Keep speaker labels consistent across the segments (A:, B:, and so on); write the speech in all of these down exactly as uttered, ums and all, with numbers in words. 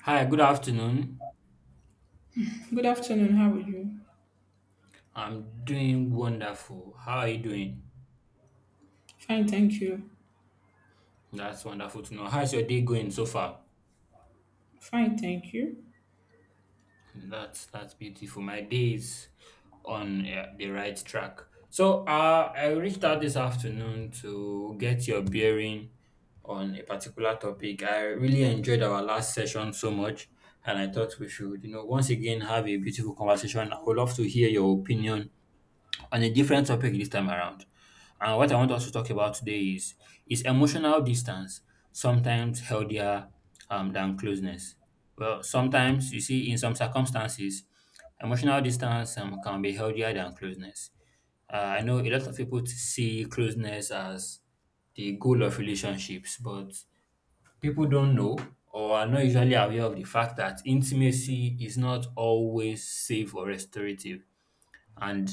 A: Hi, good afternoon.
B: Good afternoon. How are you?
A: I'm doing wonderful. How are you doing?
B: Fine, thank you.
A: That's wonderful to know. How's your day going so far?
B: Fine, thank you.
A: That's that's beautiful. My day is on uh, the right track. So, uh, I reached out this afternoon to get your bearing on a particular topic. I really enjoyed our last session so much, and I thought we should, you know, once again have a beautiful conversation. I would love to hear your opinion on a different topic this time around. And what I want us to talk about today is is emotional distance sometimes healthier um, than closeness? Well, sometimes you see, in some circumstances, emotional distance um, can be healthier than closeness. Uh, I know a lot of people t- see closeness as the goal of relationships, but people don't know or are not usually aware of the fact that intimacy is not always safe or restorative, and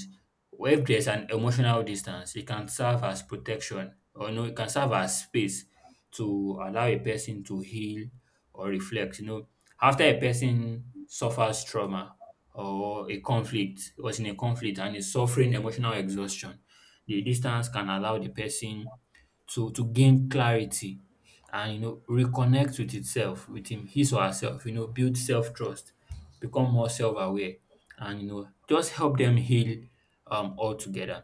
A: if there's an emotional distance, it can serve as protection, or no, it can serve as space to allow a person to heal or reflect. You know, after a person suffers trauma or a conflict, was in a conflict and is suffering emotional exhaustion, the distance can allow the person to to gain clarity and you know reconnect with itself, with him, his or herself, you know, build self-trust, become more self-aware and you know just help them heal um altogether.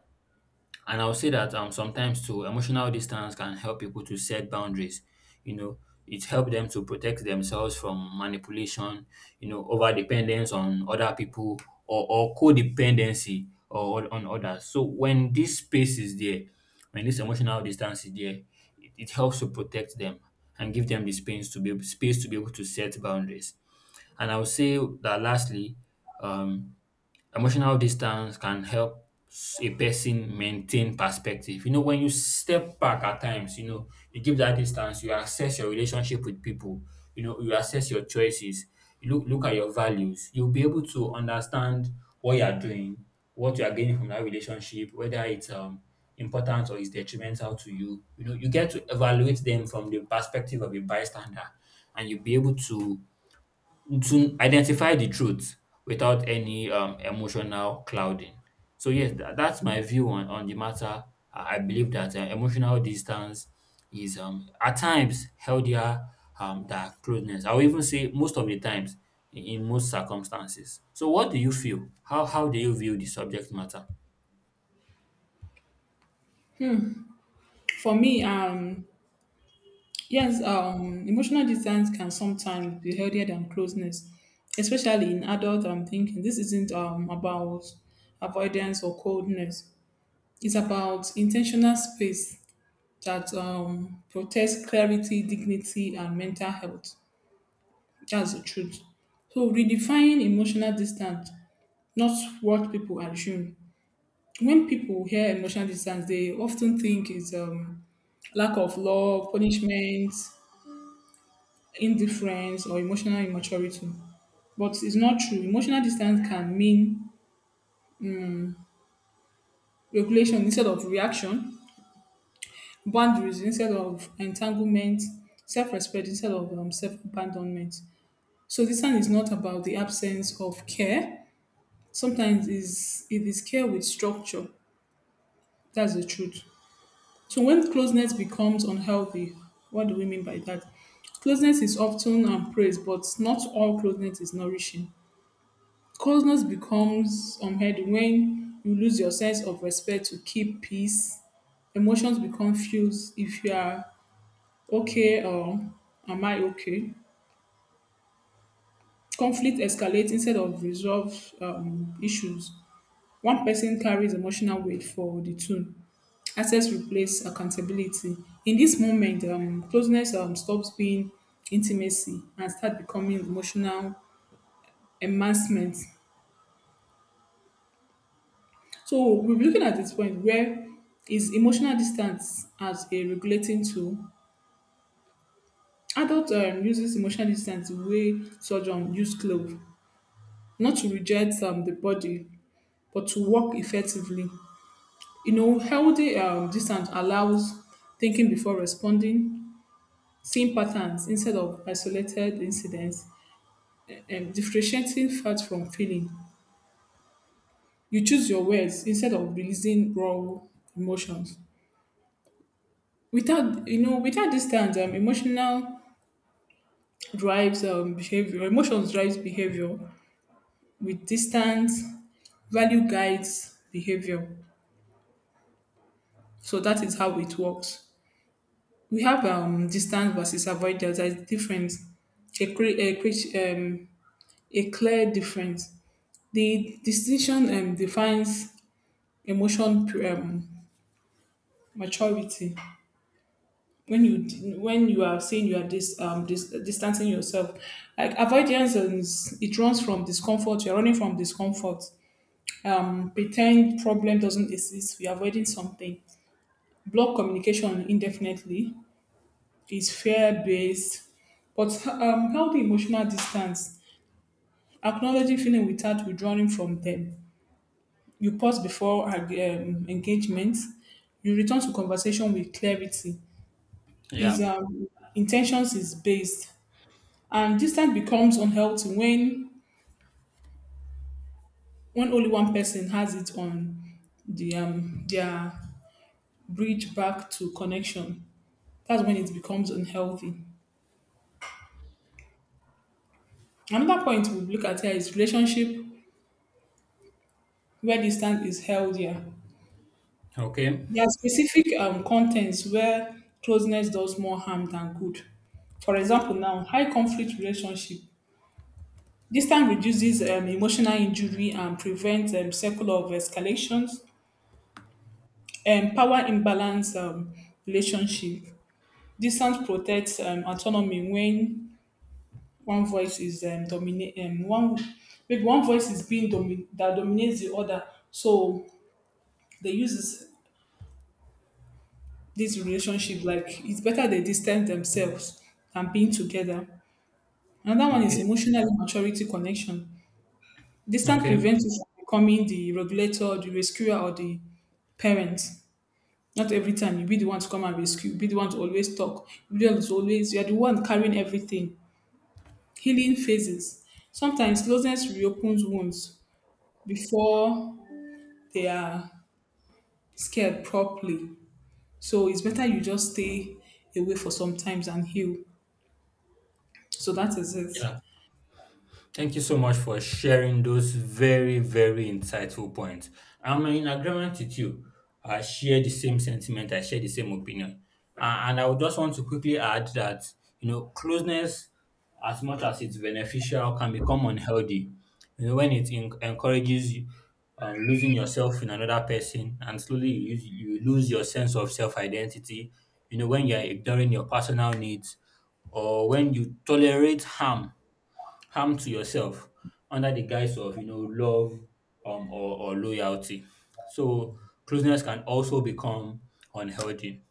A: And I'll say that um sometimes too, emotional distance can help people to set boundaries. you know it helps them to protect themselves from manipulation, you know over dependence on other people, or, or codependency or on others. So when this space is there, when this emotional distance is there, it, it helps to protect them and give them the space to be able, space to be able to set boundaries. And I would say that, lastly, um emotional distance can help s- a person maintain perspective. You know, when you step back at times, you know, you give that distance, you assess your relationship with people, you know, you assess your choices, you look look at your values. You'll be able to understand what you are doing, what you are gaining from that relationship, whether it's um important or is detrimental to you. You know, you get to evaluate them from the perspective of a bystander, and you'll be able to to identify the truth without any, um, emotional clouding. So, yes, tha that's my view on on the matter. I I believe that, uh, emotional distance is, um, at times, healthier, um, than closeness. I will even say most of the times, in in most circumstances. So what do you feel? How how do you view the subject matter?
B: For me, um, yes, um, emotional distance can sometimes be healthier than closeness, especially in adult. I'm thinking this isn't um about avoidance or coldness. It's about intentional space that um protects clarity, dignity, and mental health. That's the truth. So redefine emotional distance, not what people assume. When people hear emotional distance, they often think it's um, lack of love, punishment, indifference, or emotional immaturity. But it's not true. Emotional distance can mean regulation instead of reaction, boundaries instead of entanglement, self respect instead of um, self abandonment. So, distance is not about the absence of care. Sometimes it's, it is care with structure. That's the truth. So when closeness becomes unhealthy, what do we mean by that? Closeness is often um, praised, but not all closeness is nourishing. Closeness becomes unhealthy when you lose your sense of respect to keep peace. Emotions become fused if you are okay or am I okay? Conflict escalates instead of resolve um, issues. One person carries emotional weight for the two. Access replace accountability. In this moment, um, closeness um, stops being intimacy and start becoming emotional enhancement. So we're looking at this point where is emotional distance as a regulating tool. Adult um, uses emotional distance the way surgeon um, use glove, not to reject um, the body, but to work effectively. You know, healthy um, distance allows thinking before responding, seeing patterns instead of isolated incidents, and differentiating fact from feeling. You choose your words instead of releasing raw emotions. Without you know, without distance, um, emotional drives um, behavior. Emotions drives behavior. With distance, value guides behavior. So that is how it works. We have um, distance versus avoidance as difference. A, cre- a, cre- um, a clear difference. The distinction um, defines emotion um, maturity when you when you are saying you are dis, um, dis, distancing yourself like avoidance is it runs from discomfort, you're running from discomfort, um, pretend problem doesn't exist, we're avoiding something, block communication indefinitely, is fear based. But um, healthy emotional distance, acknowledging feeling without withdrawing from them, you pause before um, engagement, you return to conversation with clarity, is
A: Yeah.
B: um, intentions is based. And distance becomes unhealthy when when only one person has it on the um their bridge back to connection. That's when it becomes unhealthy. Another point we look at here is relationship where distance is healthier.
A: Okay.
B: There are specific um contents where closeness does more harm than good. For example, now high conflict relationship. Distance reduces um, emotional injury and prevents um, circle of escalations and power imbalance um, relationship. Distance protects um, autonomy when one voice is um, dominate um, one, maybe one voice is being domi- that dominates the other. So they use this, this relationship, like it's better they distance themselves than being together. Another one is
A: Okay.
B: emotional maturity connection. Distance
A: Okay.
B: prevents you from becoming the regulator, the rescuer, or the parent. Not every time you be the one to come and rescue, you be the one to always talk, you be the one to always, you are the one carrying everything. Healing phases. Sometimes closeness reopens wounds before they are scared properly. So it's better you just stay away for some times and heal. So that is it.
A: Yeah. Thank you so much for sharing those very, very insightful points. I'm in agreement with you. I share the same sentiment, I share the same opinion. Uh, and I would just want to quickly add that, you know, closeness, as much as it's beneficial, can become unhealthy. You know, when it en- encourages you, um, losing yourself in another person, and slowly you, you lose your sense of self identity. You know, when you're ignoring your personal needs, or when you tolerate harm harm to yourself under the guise of you know love um, or, or loyalty. So closeness can also become unhealthy.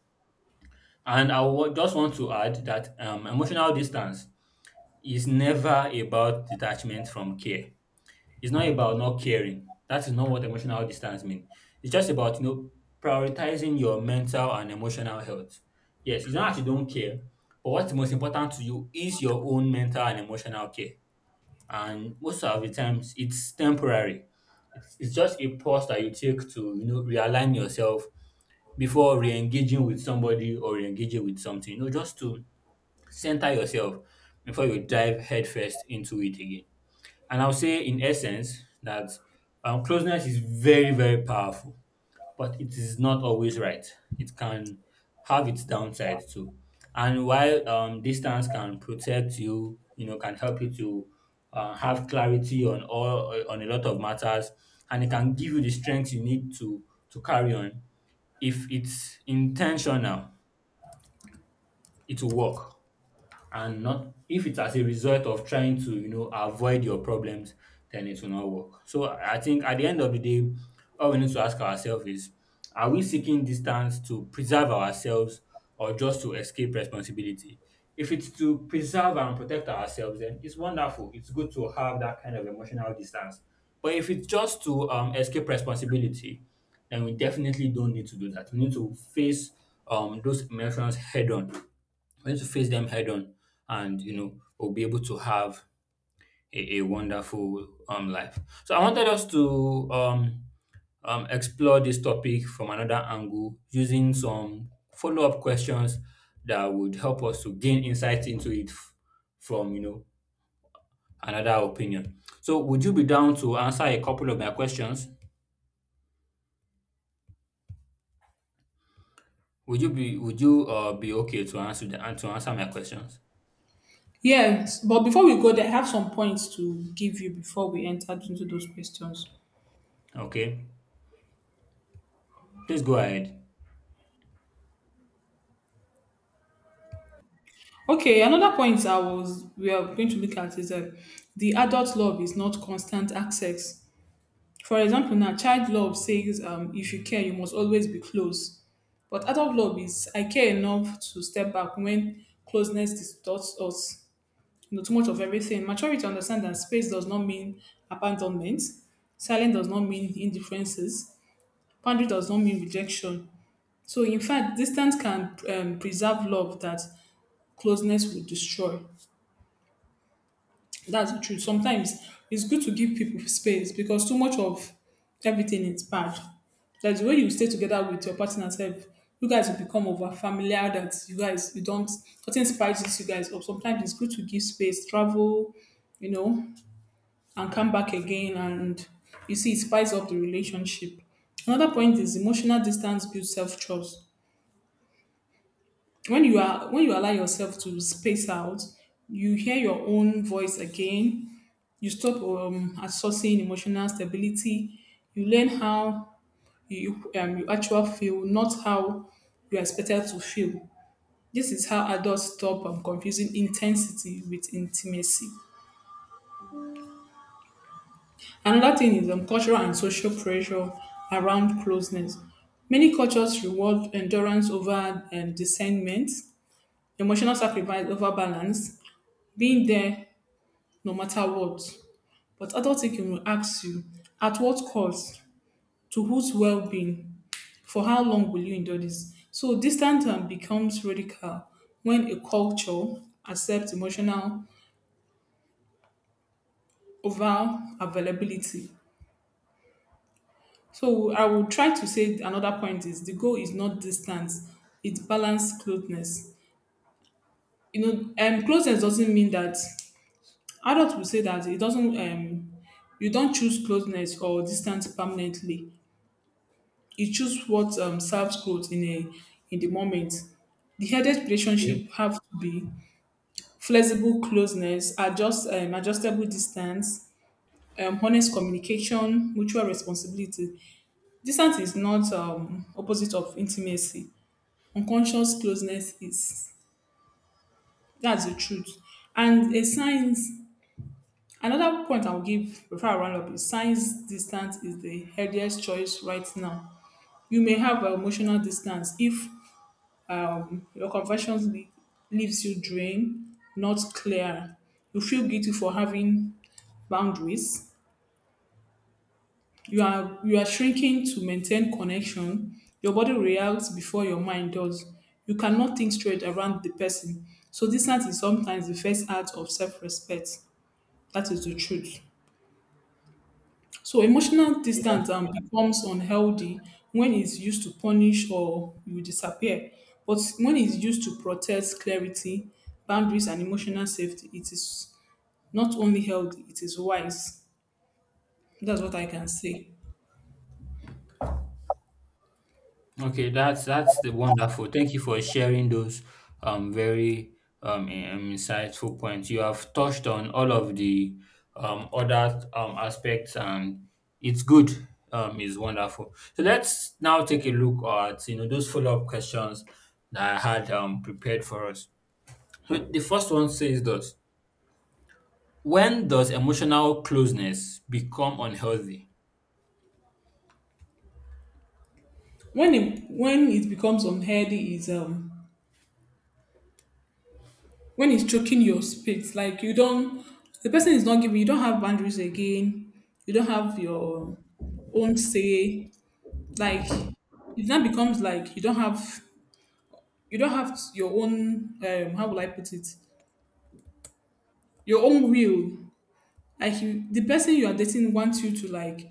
A: And I wa- just want to add that um, emotional distance is never about detachment from care. It's not about not caring. That is not what emotional distance means. It's just about you know prioritizing your mental and emotional health. Yes, it's not that you don't care, but what's most important to you is your own mental and emotional care, and most of the times it's temporary. It's, it's just a pause that you take to you know realign yourself before re-engaging with somebody or re-engaging with something. You know, just to center yourself before you dive headfirst into it again. And I'll say, in essence, that um, closeness is very very powerful, but it is not always right. It can have its downside too. And while um, distance can protect you, you know, can help you to uh, have clarity on all uh, on a lot of matters, and it can give you the strength you need to to carry on. If it's intentional, it will work, and not if it's as a result of trying to you know avoid your problems, then it will not work. So I think at the end of the day, all we need to ask ourselves is: are we seeking distance to preserve ourselves, or just to escape responsibility? If it's to preserve and protect ourselves, then it's wonderful, it's good to have that kind of emotional distance. But if it's just to um, escape responsibility, then we definitely don't need to do that. We need to face um, those emotions head on. We need to face them head on, and you know we'll be able to have a, a wonderful um life. So I wanted us to um, um explore this topic from another angle, using some follow-up questions that would help us to gain insight into it f- from you know another opinion. So, would you be down to answer a couple of my questions? Would you be would you uh, be okay to answer the, to answer my questions?
B: Yes, but before we go there, I have some points to give you before we enter into those questions.
A: Okay, please go ahead.
B: Okay, another point I was we are going to look at is that the adult love is not constant access. For example, now child love says um, if you care, you must always be close. But adult love is I care enough to step back when closeness distorts us. You know, too much of everything. Maturity understands that space does not mean abandonment. Silence does not mean indifferences. Boundary does not mean rejection. So, in fact, distance can um, preserve love that closeness would destroy. That's the truth. Sometimes it's good to give people space because too much of everything is bad. That's the way you stay together with your partner self. You guys will become over familiar that you guys you don't, nothing spices you guys up. Sometimes it's good to give space, travel, you know, and come back again, and you see it spices up the relationship. Another point is emotional distance builds self trust. When you are when you allow yourself to space out, you hear your own voice again, you stop um assessing emotional stability, you learn how you, um, you actually feel, not how you are expected to feel. This is how adults stop um, confusing intensity with intimacy. Another thing is um, cultural and social pressure around closeness. Many cultures reward endurance over um, discernment, emotional sacrifice over balance, being there no matter what. But adult thinking will ask you at what cost, to whose well-being, for how long will you endure this? So distance um, becomes radical when a culture accepts emotional over availability. So I will try to say another point is the goal is not distance, it's balanced closeness. You know, um, closeness doesn't mean that adults will say that it doesn't um, you don't choose closeness or distance permanently. You choose what um, serves growth in a in the moment. The headed relationship have to be flexible closeness, adjust um, adjustable distance, um, honest communication, mutual responsibility. Distance is not um, opposite of intimacy. Unconscious closeness is, that's the truth. And a signs another point I'll give before I round up is signs distance is the healthiest choice right now. You may have a emotional distance if um, your confessions le- leaves you drained, not clear. You feel guilty for having boundaries. You are you are shrinking to maintain connection. Your body reacts before your mind does. You cannot think straight around the person. So distance is sometimes the first act of self-respect. That is the truth. So emotional distance um, becomes unhealthy when it's used to punish or you disappear. But when it's used to protect clarity, boundaries, and emotional safety, it is not only healthy, it is wise. That's what I can say.
A: Okay, that's that's the wonderful. Thank you for sharing those um very um in- um, insightful points. You have touched on all of the um other um aspects, and it's good. Um, is wonderful. So let's now take a look at you know those follow up questions that I had um prepared for us. So the first one says this: when does emotional closeness become unhealthy?
B: When it, when it becomes unhealthy is um, when it's choking your spirit. Like you don't, the person is not giving, you don't have boundaries again. You don't have your own say. Like it now becomes like you don't have, you don't have your own, um how will I put it, your own will. Like you, the person you are dating wants you to, like,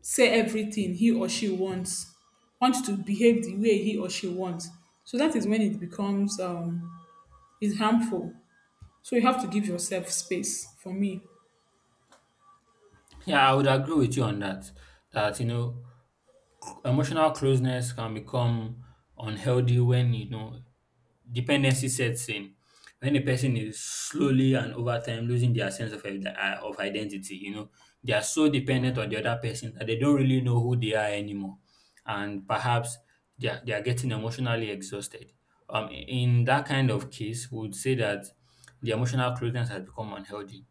B: say everything he or she wants, wants to behave the way he or she wants. So that is when it becomes um is harmful. So you have to give yourself space. For me,
A: Yeah, I would agree with you on that. That you know Emotional closeness can become unhealthy when you know dependency sets in. When a person is slowly and over time losing their sense of ide- uh, of identity, you know they are so dependent on the other person that they don't really know who they are anymore, and perhaps they are, they are getting emotionally exhausted. Um, in that kind of case, we would say that the emotional closeness has become unhealthy.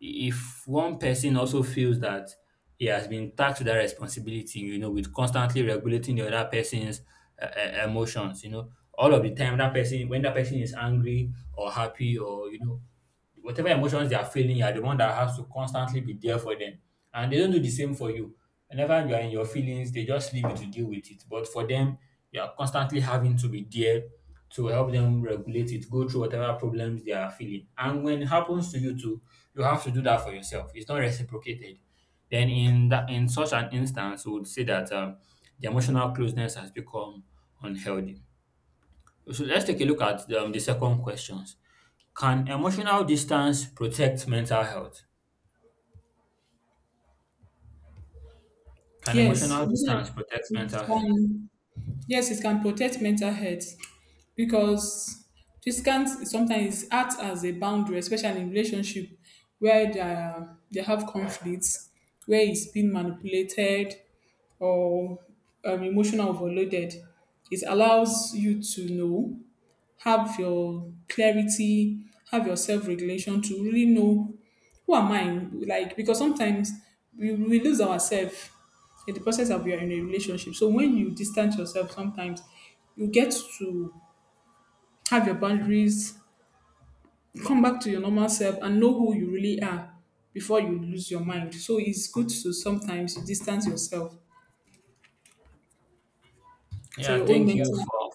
A: If one person also feels that he has been tasked with that responsibility, you know, with constantly regulating the other person's uh, uh, emotions, you know, all of the time, that person, when that person is angry or happy or, you know, whatever emotions they are feeling, you are the one that has to constantly be there for them. And they don't do the same for you. Whenever you are in your feelings, they just leave you to deal with it. But for them, you are constantly having to be there to help them regulate it, go through whatever problems they are feeling. And when it happens to you too, you have to do that for yourself. It's not reciprocated. Then in that in such an instance, we would say that um, the emotional closeness has become unhealthy. So let's take a look at um, the second questions. Can emotional distance protect mental health? Can
B: yes,
A: emotional
B: it's like-
A: distance protect
B: it's
A: mental health?
B: fine. Yes, it can protect mental health because this can sometimes act as a boundary, especially in relationship where they, are, they have conflicts, where it's been manipulated or um, emotional overloaded. It allows you to know, have your clarity, have your self regulation to really know who am I? Like, because sometimes we, we lose ourselves in the process of you're in a relationship. So when you distance yourself, sometimes you get to have your boundaries, come back to your normal self, and know who you really are before you lose your mind. So it's good to sometimes distance yourself for
A: Yeah,
B: your own
A: thank you
B: mental.
A: for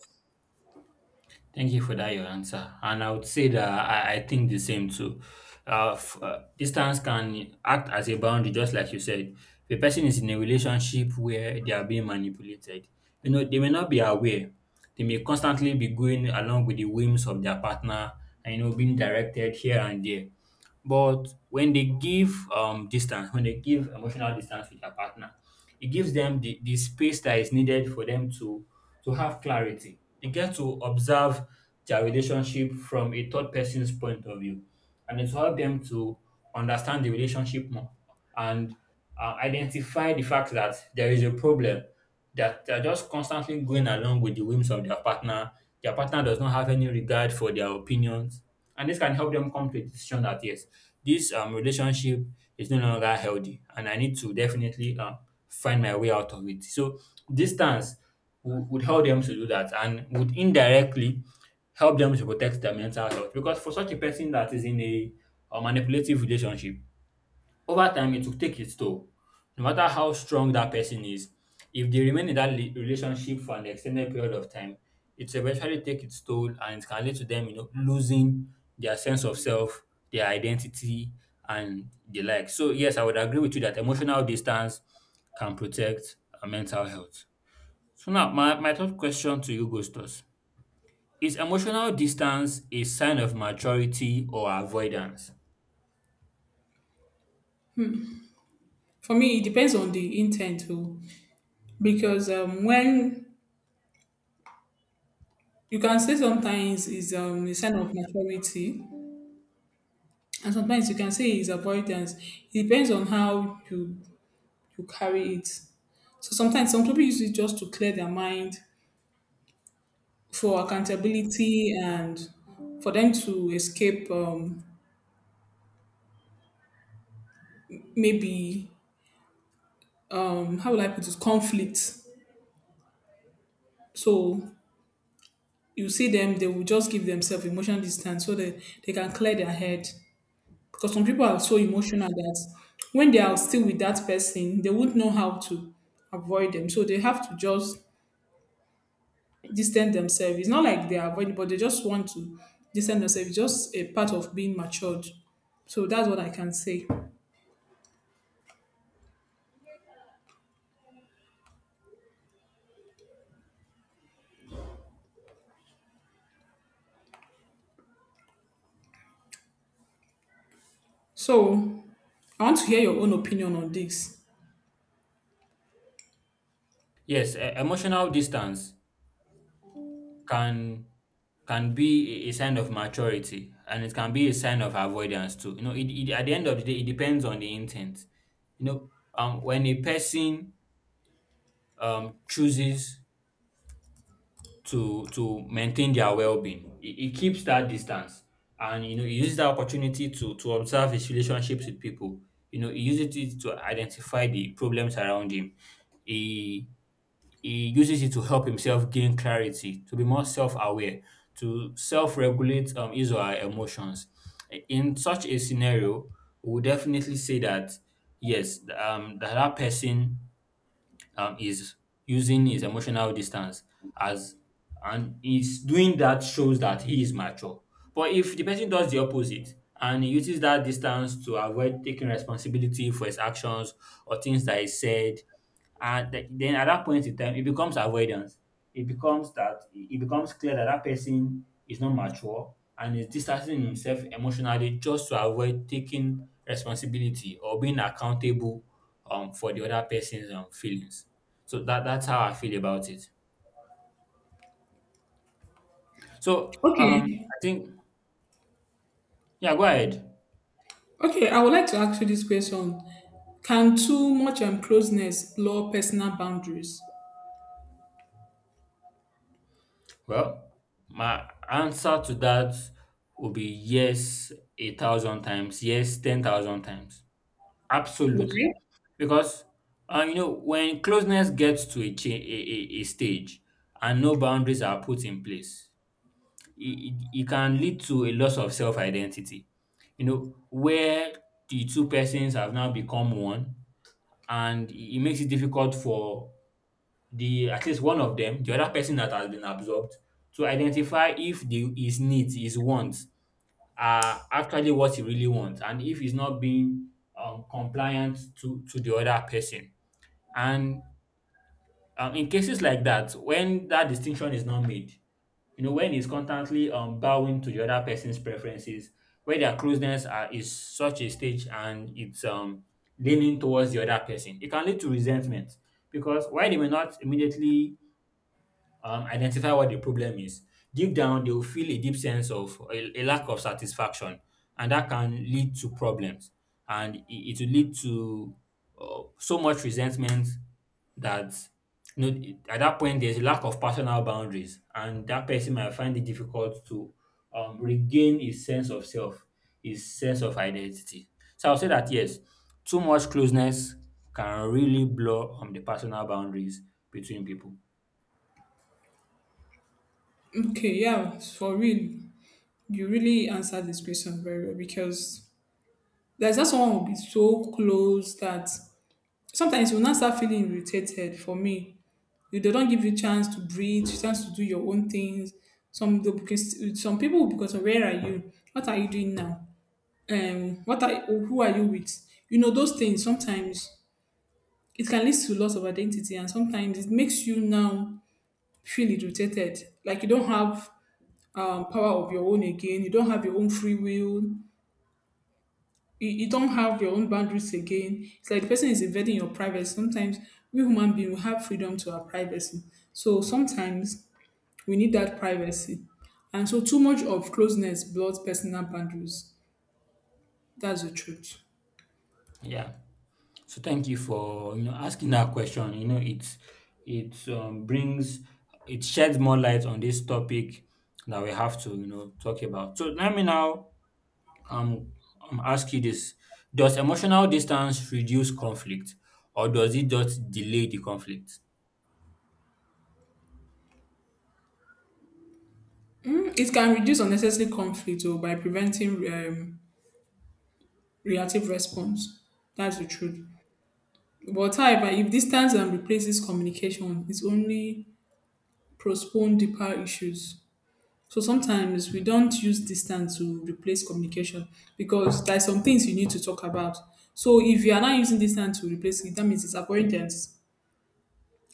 A: thank you for that your answer. And I would say that I, I think the same too. Uh, f- uh, distance can act as a boundary, just like you said. If a person is in a relationship where they are being manipulated, you know, they may not be aware. They may constantly be going along with the whims of their partner, and you know being directed here and there. But when they give um, distance, when they give emotional distance with their partner, it gives them the, the space that is needed for them to to have clarity. They get to observe their relationship from a third person's point of view, and it's help them to understand the relationship more, and uh, identify the fact that there is a problem, that they're just constantly going along with the whims of their partner. Their partner does not have any regard for their opinions, and this can help them come to a decision that yes, this um, relationship is no longer healthy, and I need to definitely um, find my way out of it. So distance would, would help them to do that, and would indirectly help them to protect their mental health. Because for such a person that is in a, a manipulative relationship, over time, it will take its toll. No matter how strong that person is, if they remain in that le- relationship for an extended period of time, it will eventually take its toll, and it can lead to them, you know, losing their sense of self, their identity, and the like. So, yes, I would agree with you that emotional distance can protect our mental health. So, now my, my third question to you, Gustos, is emotional distance a sign of maturity or avoidance?
B: For me, it depends on the intent too, because um, when you can say sometimes is um, a sign of maturity, and sometimes you can say it's avoidance. It depends on how you you carry it. So sometimes some people use it just to clear their mind for accountability and for them to escape, um, maybe um, how will I put it, conflict. So you see them, they will just give themselves emotional distance so that they can clear their head. Because some people are so emotional that when they are still with that person, they wouldn't know how to avoid them. So they have to just distance themselves. It's not like they are avoiding, but they just want to distance themselves. It's just a part of being matured. So that's what I can say. So I want to hear your own opinion on this.
A: Yes, e- emotional distance can can be a a sign of maturity, and it can be a sign of avoidance too. You know, it, it at the end of the day, it depends on the intent. You know, um, when a person um chooses to to maintain their well-being, it, it keeps that distance, and you know, it uses that opportunity to to observe his relationships with people. You know, he uses it to identify the problems around him. He he uses it to help himself gain clarity, to be more self aware, to self regulate um, his or her emotions. In such a scenario, we would definitely say that yes, um, that, that person um, is using his emotional distance as and is doing that shows that he is mature. But if the person does the opposite and he uses that distance to avoid taking responsibility for his actions or things that he said and th- then at that point in time it becomes avoidance, it becomes that it becomes clear that that person is not mature and is distancing himself emotionally just to avoid taking responsibility or being accountable um, for the other person's um, feelings. So that that's how I feel about it. So um
B: Okay.
A: I think, yeah, go ahead.
B: Okay, I would like to ask you this question. Can too much um, closeness blur personal boundaries?
A: Well, my answer to that would be yes a thousand times, yes ten thousand times. Absolutely.
B: Why?
A: Because uh, you know, when closeness gets to a, cha- a, a, a stage and no boundaries are put in place, it, it, it can lead to a loss of self identity. You know, where the two persons have now become one, and it it makes it difficult for the at least one of them, the other person that has been absorbed, to identify if the his needs, his wants are actually what you really want and if he's not being um, compliant to, to the other person. And um, in cases like that, when that distinction is not made, you know, when he's constantly um, bowing to the other person's preferences, where their closeness are, is such a stage and it's um, leaning towards the other person, it can lead to resentment, because while they may not immediately um, identify what the problem is. Deep down, they will feel a deep sense of a, a lack of satisfaction, and that can lead to problems. And it, it will lead to uh, so much resentment that, you know, at that point, there's a lack of personal boundaries, and that person might find it difficult to um, regain his sense of self, his sense of identity. So I'll say that yes, too much closeness can really blur um, the personal boundaries between people.
B: Okay, yeah, for real. You really answered this question very well because there's not someone who will be so close that sometimes you will not start feeling irritated. For me, you they don't give you chance to breathe, chance to do your own things. Some they- because some people will, because where are you? What are you doing now? Um, what are, who are you with? You know those things. Sometimes it can lead to loss of identity, and sometimes it makes you now feel irritated, like you don't have um, power of your own again. You don't have your own free will, you, you don't have your own boundaries again. It's like the person is invading your privacy. Sometimes we human beings we have freedom to our privacy. So sometimes we need that privacy. And so too much of closeness blurs personal boundaries. That's the truth.
A: Yeah. So thank you for, you know, asking that question. You know, it's it um, brings it sheds more light on this topic that we have to, you know, talk about. So let me now um, um ask you this: Does emotional distance reduce conflict, or does it just delay the conflict?
B: Mm, it can reduce unnecessary conflict or by preventing um, reactive response. That's the truth. But however, if distance and replaces communication, it's only postpone deeper issues. So sometimes we don't use distance to replace communication because there are some things you need to talk about. So if you are not using distance to replace it, that means it's avoidance.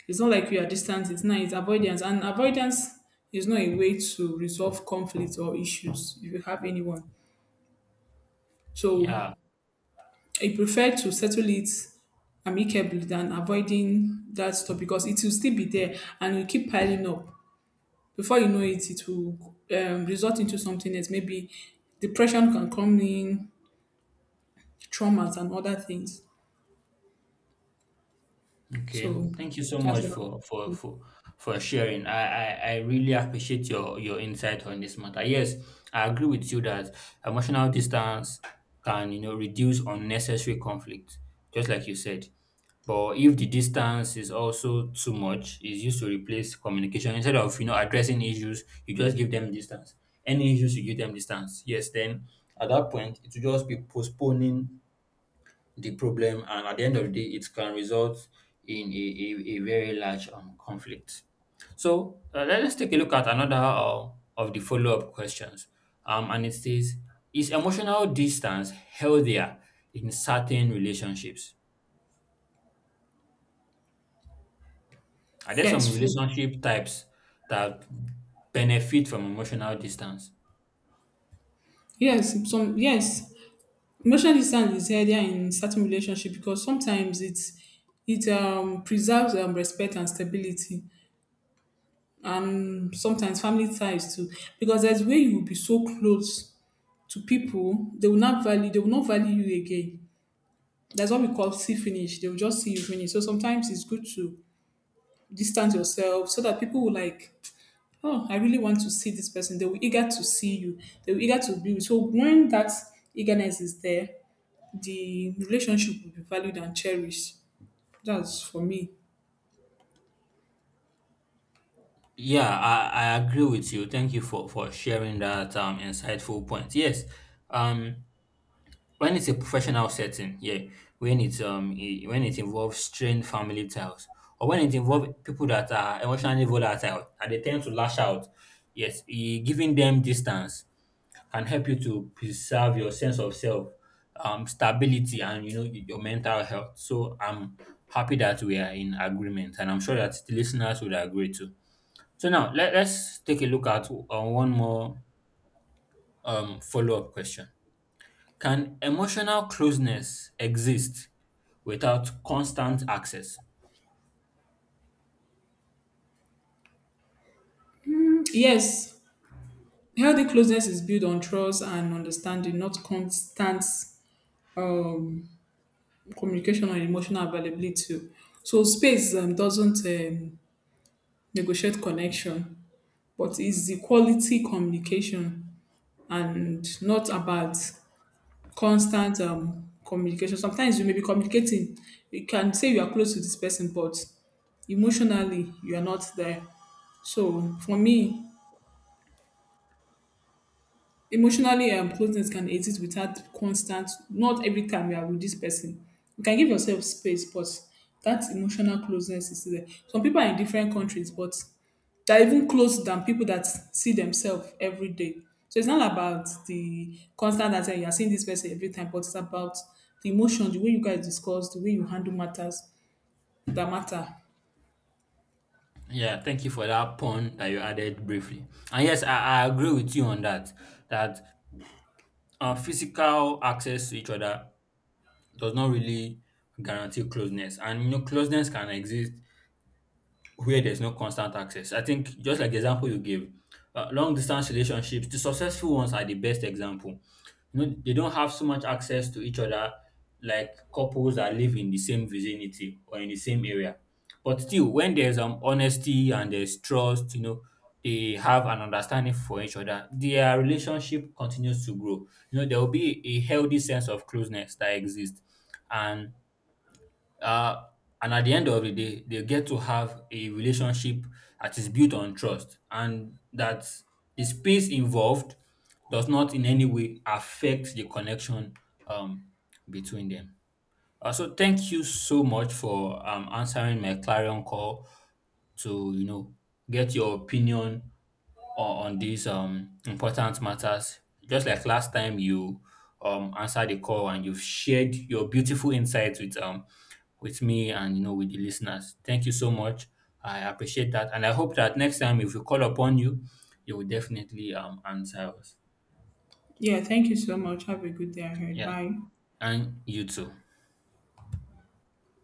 B: It's not like you are distance, it's not, it's avoidance. And avoidance is not a way to resolve conflict or issues if you have anyone. So
A: Yeah.
B: I prefer to settle it amicably than avoiding that stuff because it will still be there and will keep piling up. Before you know it, it will um, result into something else. Maybe depression can come in, traumas and other things.
A: Okay,
B: So
A: thank you so
B: that's
A: much
B: what.
A: for for for for sharing. I, I I really appreciate your your insight on this matter. Yes, I agree with you that emotional distance can, you know, reduce unnecessary conflict, just like you said. But if the distance is also too much, it's used to replace communication instead of, you know, addressing issues, you just give them distance. Any issues, you give them distance. Yes, then at that point, it will just be postponing the problem, and at the end of the day it can result in a, a, a very large um, conflict. So uh, let- let's take a look at another uh, of the follow-up questions, um, and it says, is emotional distance healthier in certain relationships? Are there some
B: yes. so-
A: relationship types that benefit from emotional distance?
B: Yes, some, yes. Emotional distance is healthier in certain relationship because sometimes it's it um preserves um respect and stability, and sometimes family ties too. Because there's where you will be so close to people, they will not value, they will not value you again. That's what we call see finish. They will just see you finish. So sometimes it's good to distance yourself so that people will like, oh, I really want to see this person. They were eager to see you. They were eager to be with you. So when that eagerness is there, the relationship will be valued and cherished. That's for me.
A: Yeah, I, I agree with you. Thank you for, for sharing that um, insightful point. Yes, um, when it's a professional setting, yeah, when it's um i- when it involves strained family ties or when it involves people that are emotionally volatile and they tend to lash out, yes, i- giving them distance can help you to preserve your sense of self, um, stability, and you know y- your mental health. So I'm happy that we are in agreement, and I'm sure that the listeners would agree too. So now let, let's take a look at uh, one more um, follow up question. Can emotional closeness exist without constant access?
B: Yes, healthy closeness is built on trust and understanding, not constant um, communication or emotional availability. So space um, doesn't um, negotiate connection, but it's the quality communication and not about constant um, communication. Sometimes you may be communicating. You can say you are close to this person, but emotionally you are not there. So for me, emotionally, um, closeness can exist without constant, not every time you are with this person. You can give yourself space, but that emotional closeness is still there. Some people are in different countries, but they're even closer than people that see themselves every day. So it's not about the constant that uh, you are seeing this person every time, but it's about the emotions, the way you guys discuss, the way you handle matters that matter.
A: Yeah, thank you for that pun that you added briefly. And yes, I, I agree with you on that. That uh, physical access to each other does not really guarantee closeness, and you know, closeness can exist where there's no constant access. I think just like the example you gave, uh, long distance relationships, the successful ones are the best example. You know, they don't have so much access to each other like couples that live in the same vicinity or in the same area. But still, when there's um honesty and there's trust, you know, they have an understanding for each other. Their relationship continues to grow. You know, there will be a healthy sense of closeness that exists, and uh, and at the end of the day, they get to have a relationship that is built on trust and that the space involved does not in any way affect the connection um, between them. Uh, so thank you so much for um, answering my clarion call to, you know, get your opinion on, on these um important matters, just like last time you um answered the call and you've shared your beautiful insights with um with me and you know with the listeners. Thank you so much. I appreciate that, and I hope that next time if we call upon you, you will definitely um answer us.
B: Yeah, thank you so much. Have a good day ahead.
A: Yeah,
B: Bye.
A: and you too.